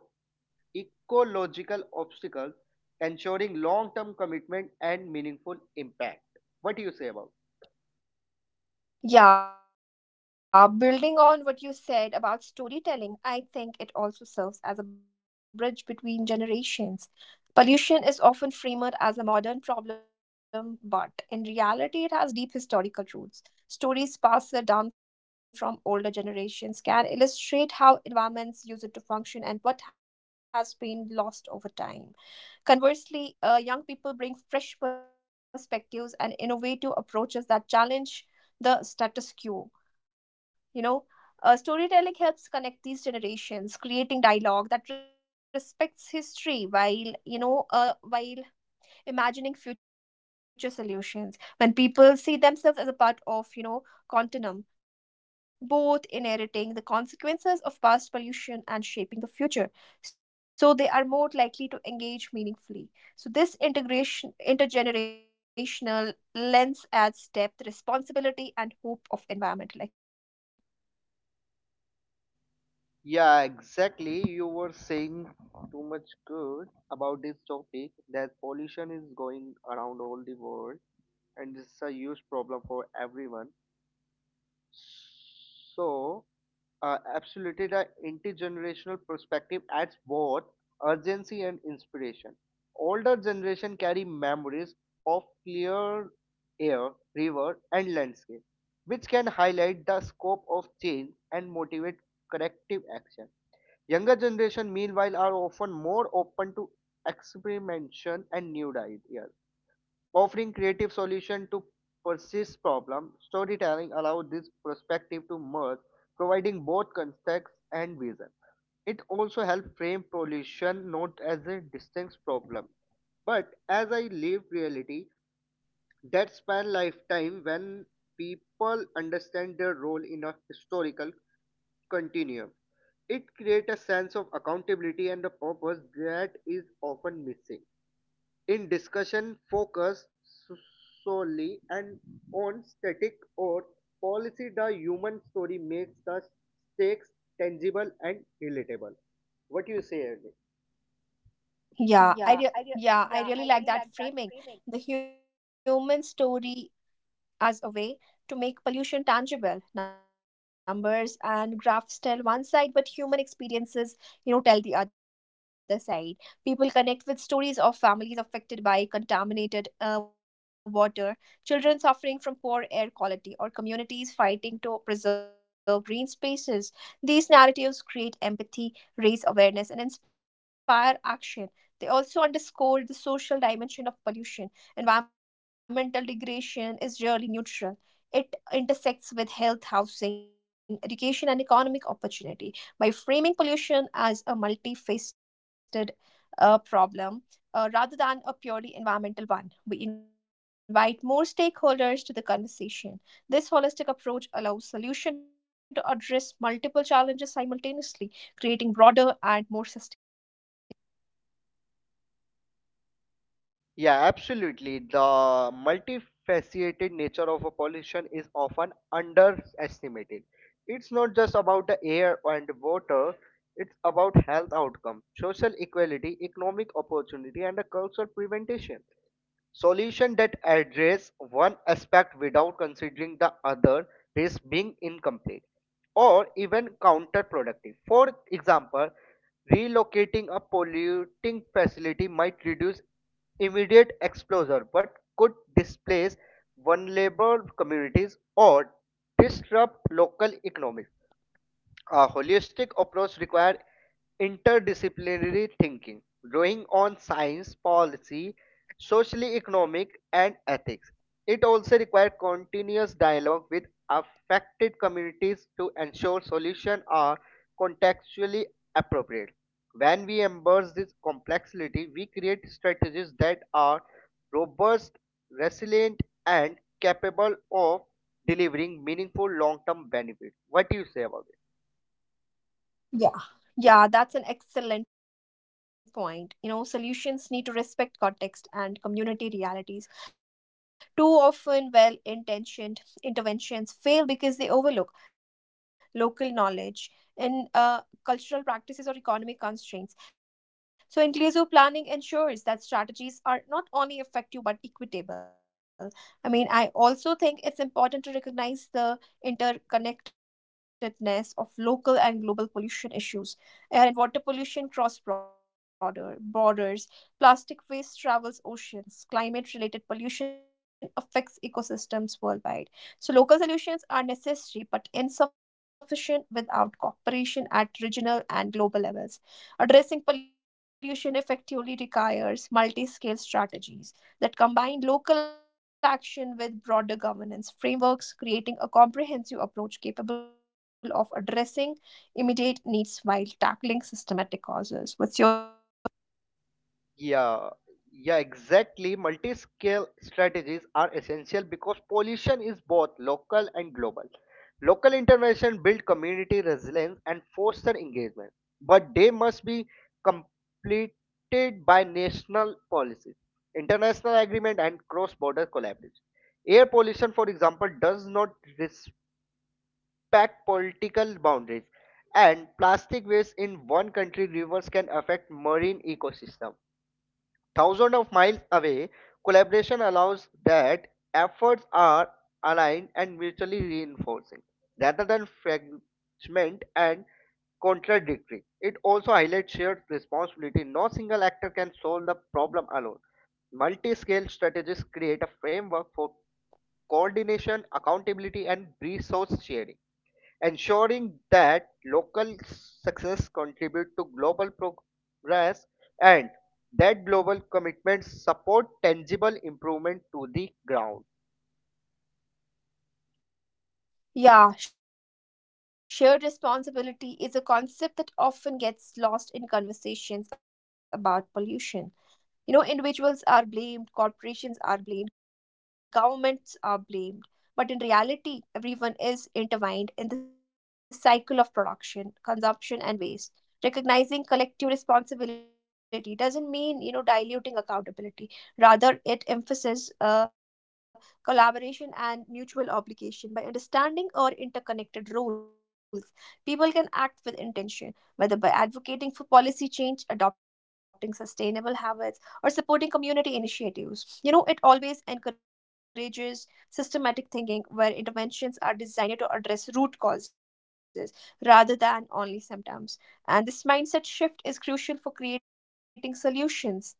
ecological obstacles, ensuring long term commitment and meaningful impact. What do you say about?
Yeah, building on what you said about storytelling, I think it also serves as a bridge between generations. Pollution is often framed as a modern problem, but in reality, it has deep historical roots. Stories passed down from older generations can illustrate how environments use it to function and what has been lost over time. Conversely, uh, young people bring fresh perspectives and innovative approaches that challenge the status quo. You know, uh, Storytelling helps connect these generations, creating dialogue that respects history while you know, uh, while imagining future solutions. When people see themselves as a part of you know continuum, both inheriting the consequences of past pollution and shaping the future, so they are more likely to engage meaningfully. So this integration intergenerational lens adds depth, responsibility, and hope of environmental action, isn't it?
Yeah, exactly. You were saying too much good about this topic that pollution is going around all the world and it's a huge problem for everyone. So, uh, absolutely, the intergenerational perspective adds both urgency and inspiration. Older generation carry memories of clear air, river, and landscape, which can highlight the scope of change and motivate corrective action. Younger generation, meanwhile, are often more open to experimentation and new ideas. Offering creative solution to persist problem, storytelling allows this perspective to merge, providing both context and vision. It also helps frame pollution not as a distinct problem, but as a lived reality that span lifetime when people understand their role in a historical continuum. It creates a sense of accountability and a purpose that is often missing. In discussion focus solely and on static or policy, the human story makes the stakes tangible and relatable. What do you say, Ernie?
Yeah i re- yeah i really like that framing, the human story, as a way to make pollution tangible. Numbers and graphs tell one side, but human experiences, you know, tell the other side. People connect with stories of families affected by contaminated uh, water, children suffering from poor air quality, or communities fighting to preserve green spaces. These narratives create empathy, raise awareness, and inspire action. They also underscore the social dimension of pollution. Environmental degradation is really neutral. It intersects with health, housing, education, and economic opportunity. By framing pollution as a multifaceted uh, problem uh, rather than a purely environmental one, we invite more stakeholders to the conversation. This holistic approach allows solution to address multiple challenges simultaneously, creating broader and more sustainable impact.
Yeah, absolutely. The multifaceted nature of a pollution is often underestimated. It's not just about the air and water, it's about health outcomes, social equality, economic opportunity, and the cultural prevention. Solution that address one aspect without considering the other is being incomplete or even counterproductive. For example, relocating a polluting facility might reduce immediate exposure but could displace vulnerable communities or disrupt local economies. A holistic approach requires interdisciplinary thinking, drawing on science, policy, socio-economic, and ethics. It also requires continuous dialogue with affected communities to ensure solutions are contextually appropriate. When we embrace this complexity, we create strategies that are robust, resilient, and capable of delivering meaningful long-term benefits. What do you say about it?
Yeah. Yeah, that's an excellent point. You know, solutions need to respect context and community realities. Too often, well intentioned interventions fail because they overlook local knowledge and uh, cultural practices or economic constraints. So, inclusive planning ensures that strategies are not only effective but equitable. I mean, I also think it's important to recognize the interconnectedness of local and global pollution issues. Air and water pollution cross border borders. Plastic waste travels oceans. Climate related pollution affects ecosystems worldwide. So local solutions are necessary but insufficient without cooperation at regional and global levels. Addressing pollution effectively requires multi-scale strategies that combined local action with broader governance frameworks, creating a comprehensive approach capable of addressing immediate needs while tackling systematic causes. What's your say on that?
Yeah, yeah, exactly. Multi-scale strategies are essential because pollution is both local and global. Local intervention build community resilience and foster engagement, but they must be completed by national policies, international agreement, and cross-border collaboration. Air pollution, for example, does not respect political boundaries, and plastic waste in one country rivers can affect marine ecosystem thousands of miles away. Collaboration allows that efforts are aligned and mutually reinforcing rather than fragment and contradictory. It also highlights shared responsibility. No single actor can solve the problem alone. Multi scale strategies create a framework for coordination, accountability, and resource sharing ensuring that local success contribute to global progress and that global commitments support tangible improvement to the ground.
Yeah, shared responsibility is a concept that often gets lost in conversations about pollution. You know, individuals are blamed, corporations are blamed, governments are blamed. But in reality, everyone is intertwined in the cycle of production, consumption, and waste. Recognizing collective responsibility doesn't mean, you know, diluting accountability. Rather, it emphasizes uh, collaboration and mutual obligation. By understanding our interconnected roles, people can act with intention, whether by advocating for policy change, adopting sustainable habits or supporting community initiatives. You know, it always encourages systematic thinking where interventions are designed to address root causes rather than only symptoms. And this mindset shift is crucial for creating solutions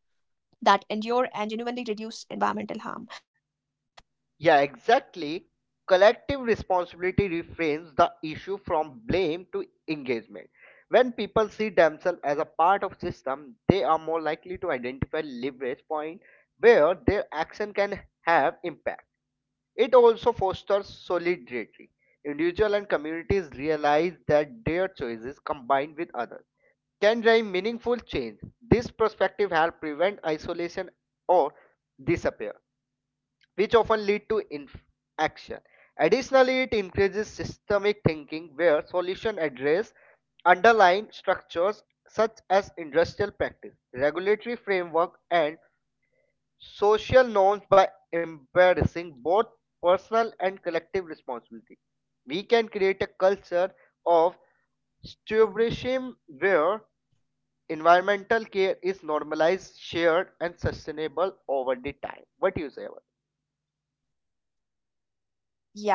that endure and genuinely reduce environmental harm. What's your
Yeah,
say on that?
exactly. Collective responsibility reframes the issue from blame to engagement. When people see themselves as a part of system, they are more likely to identify leverage point where their action can have impact. It also fosters solidarity. Individuals and communities realize that their choices combined with others can drive meaningful change. This perspective helps prevent isolation or disappear, which often lead to inaction. Additionally, it increases systemic thinking where solutions address underlying structures such as industrial practice, regulatory framework, and social norms by embracing both personal and collective responsibility. We can create a culture of stewardship where environmental care is normalized, shared, and sustainable over the time. What do you say? About?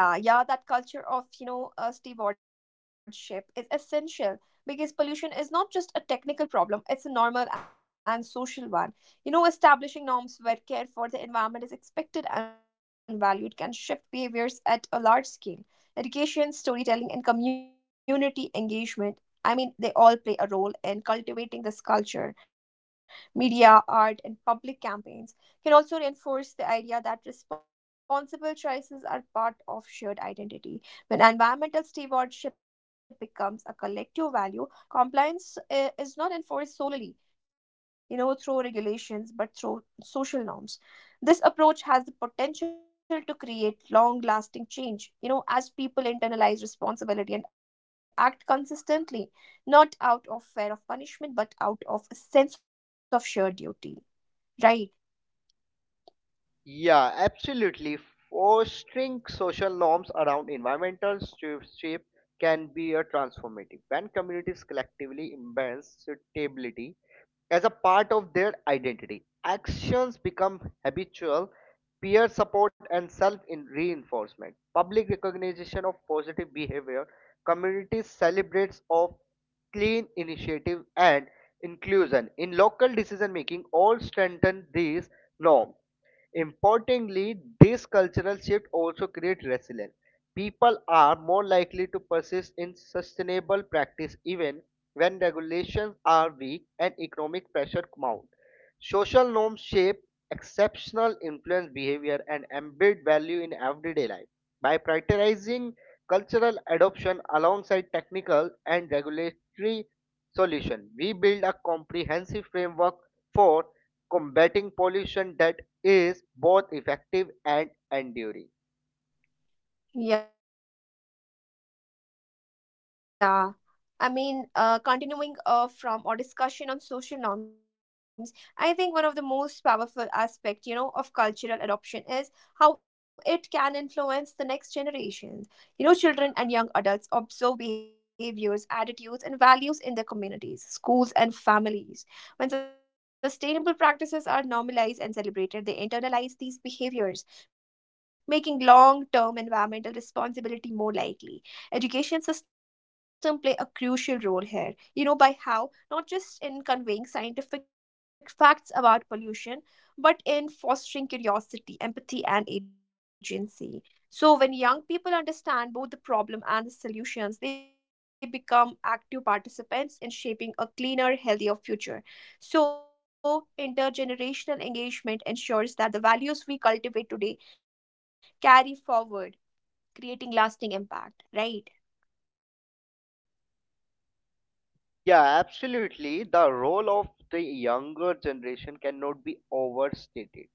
Yeah, yeah, that culture of, you know, uh, stewardship is essential because pollution is not just a technical problem, it's a normal and social one. You know, establishing norms where care for the environment is expected and valued can shift behaviors at a large scale. Education, storytelling, and community engagement, I mean, they all play a role in cultivating this culture. Media, art, and public campaigns can also reinforce the idea that responsible choices are part of shared identity. When environmental stewardship becomes a collective value, compliance eh, is not enforced solely, you know, through regulations but through social norms. This approach has the potential to create long-lasting change, you know, as people internalize responsibility and act consistently, not out of fear of punishment but out of a sense of shared duty. Right.
It? Yeah, absolutely. Fostering social norms around environmental stewardship can be a transformative when communities collectively embrace sustainability as a part of their identity. Actions become habitual, peer support and self reinforcement. Public recognition of positive behavior, communities celebrates of clean initiative and inclusion in local decision making all strengthen these norms. Importantly, this cultural shift also creates resilience. People are more likely to persist in sustainable practice even when regulations are weak and economic pressure mounts. Social norms shape exceptional influence behavior and embed value in everyday life. By prioritizing cultural adoption alongside technical and regulatory solutions, we build a comprehensive framework for combating pollution that is both effective and enduring.
Yeah. I mean, uh, continuing uh, from our discussion on social norms, I think one of the most powerful aspect, you know, of cultural adoption is how it can influence the next generations. You know, children and young adults observe behaviors, attitudes, and values in their communities, schools, and families. When sustainable practices are normalized and celebrated, they internalize these behaviors, making long-term environmental responsibility more likely. Education system play a crucial role here, you know, by how, not just in conveying scientific facts about pollution, but in fostering curiosity, empathy, and agency. So when young people understand both the problem and the solutions, they become active participants in shaping a cleaner, healthier future. So intergenerational engagement ensures that the values we cultivate today carry forward, creating lasting impact, right?
Yeah, absolutely. The role of the younger generation cannot be overstated.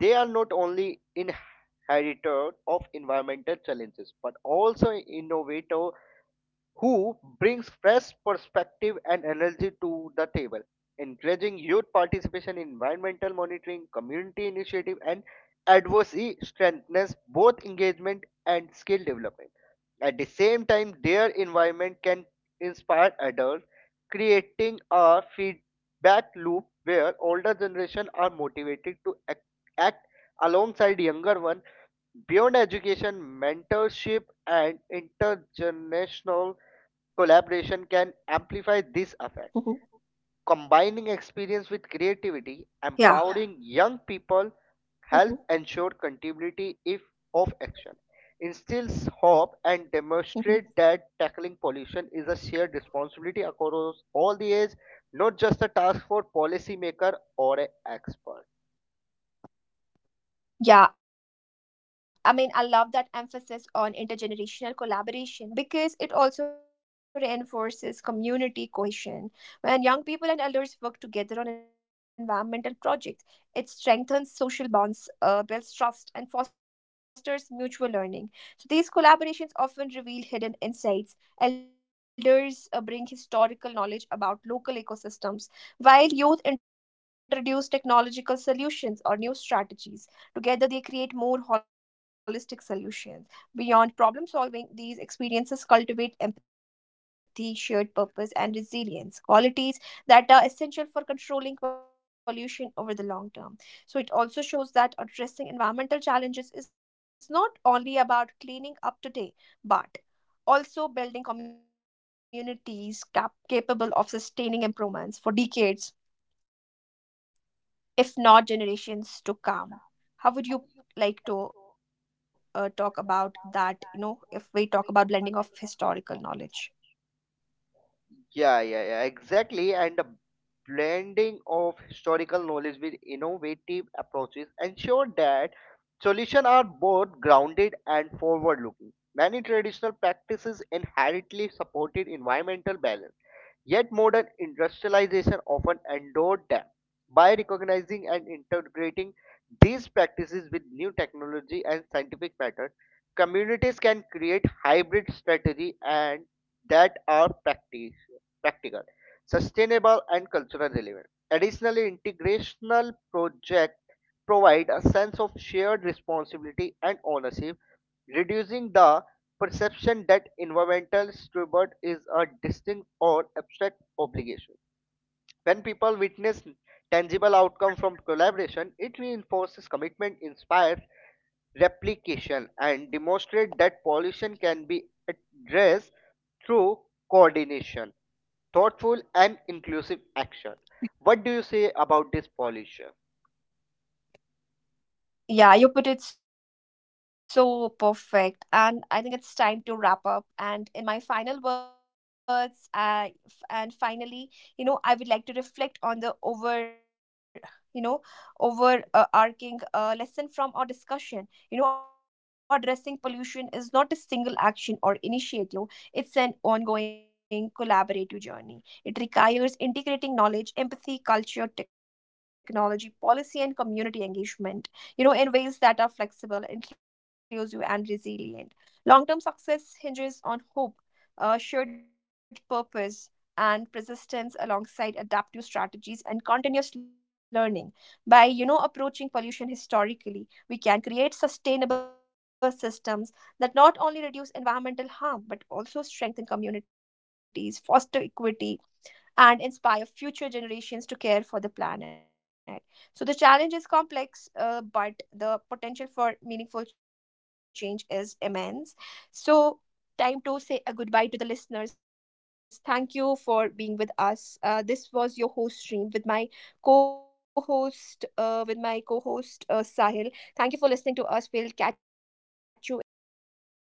They are not only inheritor of environmental challenges but also innovator who brings fresh perspective and energy to the table, encouraging youth participation in environmental monitoring, community initiative, and advocacy strengthens both engagement and skill development. At the same time, their environment can inspire adults, creating a feedback loop where older generation are motivated to ac- act alongside younger one beyond education mentorship and
Mhm.
intergenerational Collaboration can amplify this effect.
Mhm.
Combining experience with creativity, yeah,
Yeah.
empowering young people, help ensure
Mhm.
continuity if of action, instills hope, and demonstrate that tackling
Mhm.
pollution is a shared responsibility across all the age, not just a task for policymaker or an expert.
Yeah, I mean, I love that emphasis on intergenerational collaboration because it also reinforces community cohesion. When young people and elders work together on environmental projects, it strengthens social bonds, uh, builds trust, and fosters mutual learning. So, these collaborations often reveal hidden insights. Elders uh, bring historical knowledge about local ecosystems, while youth introduce technological solutions or new strategies. Together, they create more holistic solutions. Beyond problem solving, these experiences cultivate empathy, shared purpose, and resilience, qualities that are essential for controlling pollution over the long term. So, it also shows that addressing environmental challenges is not only about cleaning up today, but also building communities cap- capable of sustaining improvements for decades, if not generations to come. How would you like to uh, talk about that, you know, if we talk about blending of historical knowledge?
Yeah, yeah, yeah, exactly. And the blending of historical knowledge with innovative approaches ensure that solutions are both grounded and forward-looking. Many traditional practices inherently supported environmental balance, yet modern industrialization often endured them. By recognizing and integrating these practices with new technology and scientific methods, communities can create hybrid strategy and that are practice, practical, sustainable, and cultural relevant. Additionally, integrational projects provide a sense of shared responsibility and ownership, reducing the perception that environmental stewardship is a distinct or abstract obligation. When people witness tangible outcome from collaboration, it reinforces commitment, inspires replication, and demonstrates that pollution can be addressed through coordination, thoughtful, and inclusive action. What do you say about this pollution?
Yeah, you put it so perfect. And I think it's time to wrap up. And in my final words, uh, f- and finally, you know, I would like to reflect on the over, you know, overarching uh, arcing, uh, lesson from our discussion. You know, addressing pollution is not a single action or initiative, it's an ongoing collaborative journey. It requires integrating knowledge, empathy, culture, technology, policy, and community engagement, you know, in ways that are flexible, inclusive, and resilient. Long term success hinges on hope, uh, shared purpose, and persistence alongside adaptive strategies and continuous learning. By, you know, approaching pollution historically, we can create sustainable systems that not only reduce environmental harm but also strengthen communities, foster equity, and inspire future generations to care for the planet. So the challenge is complex, uh, but the potential for meaningful change is immense. So time to say a goodbye to the listeners. Thank you for being with us. Uh, this was your host stream with my co-host uh, with my co-host uh, Sahil. Thank you for listening to us. We'll catch you in the next episode.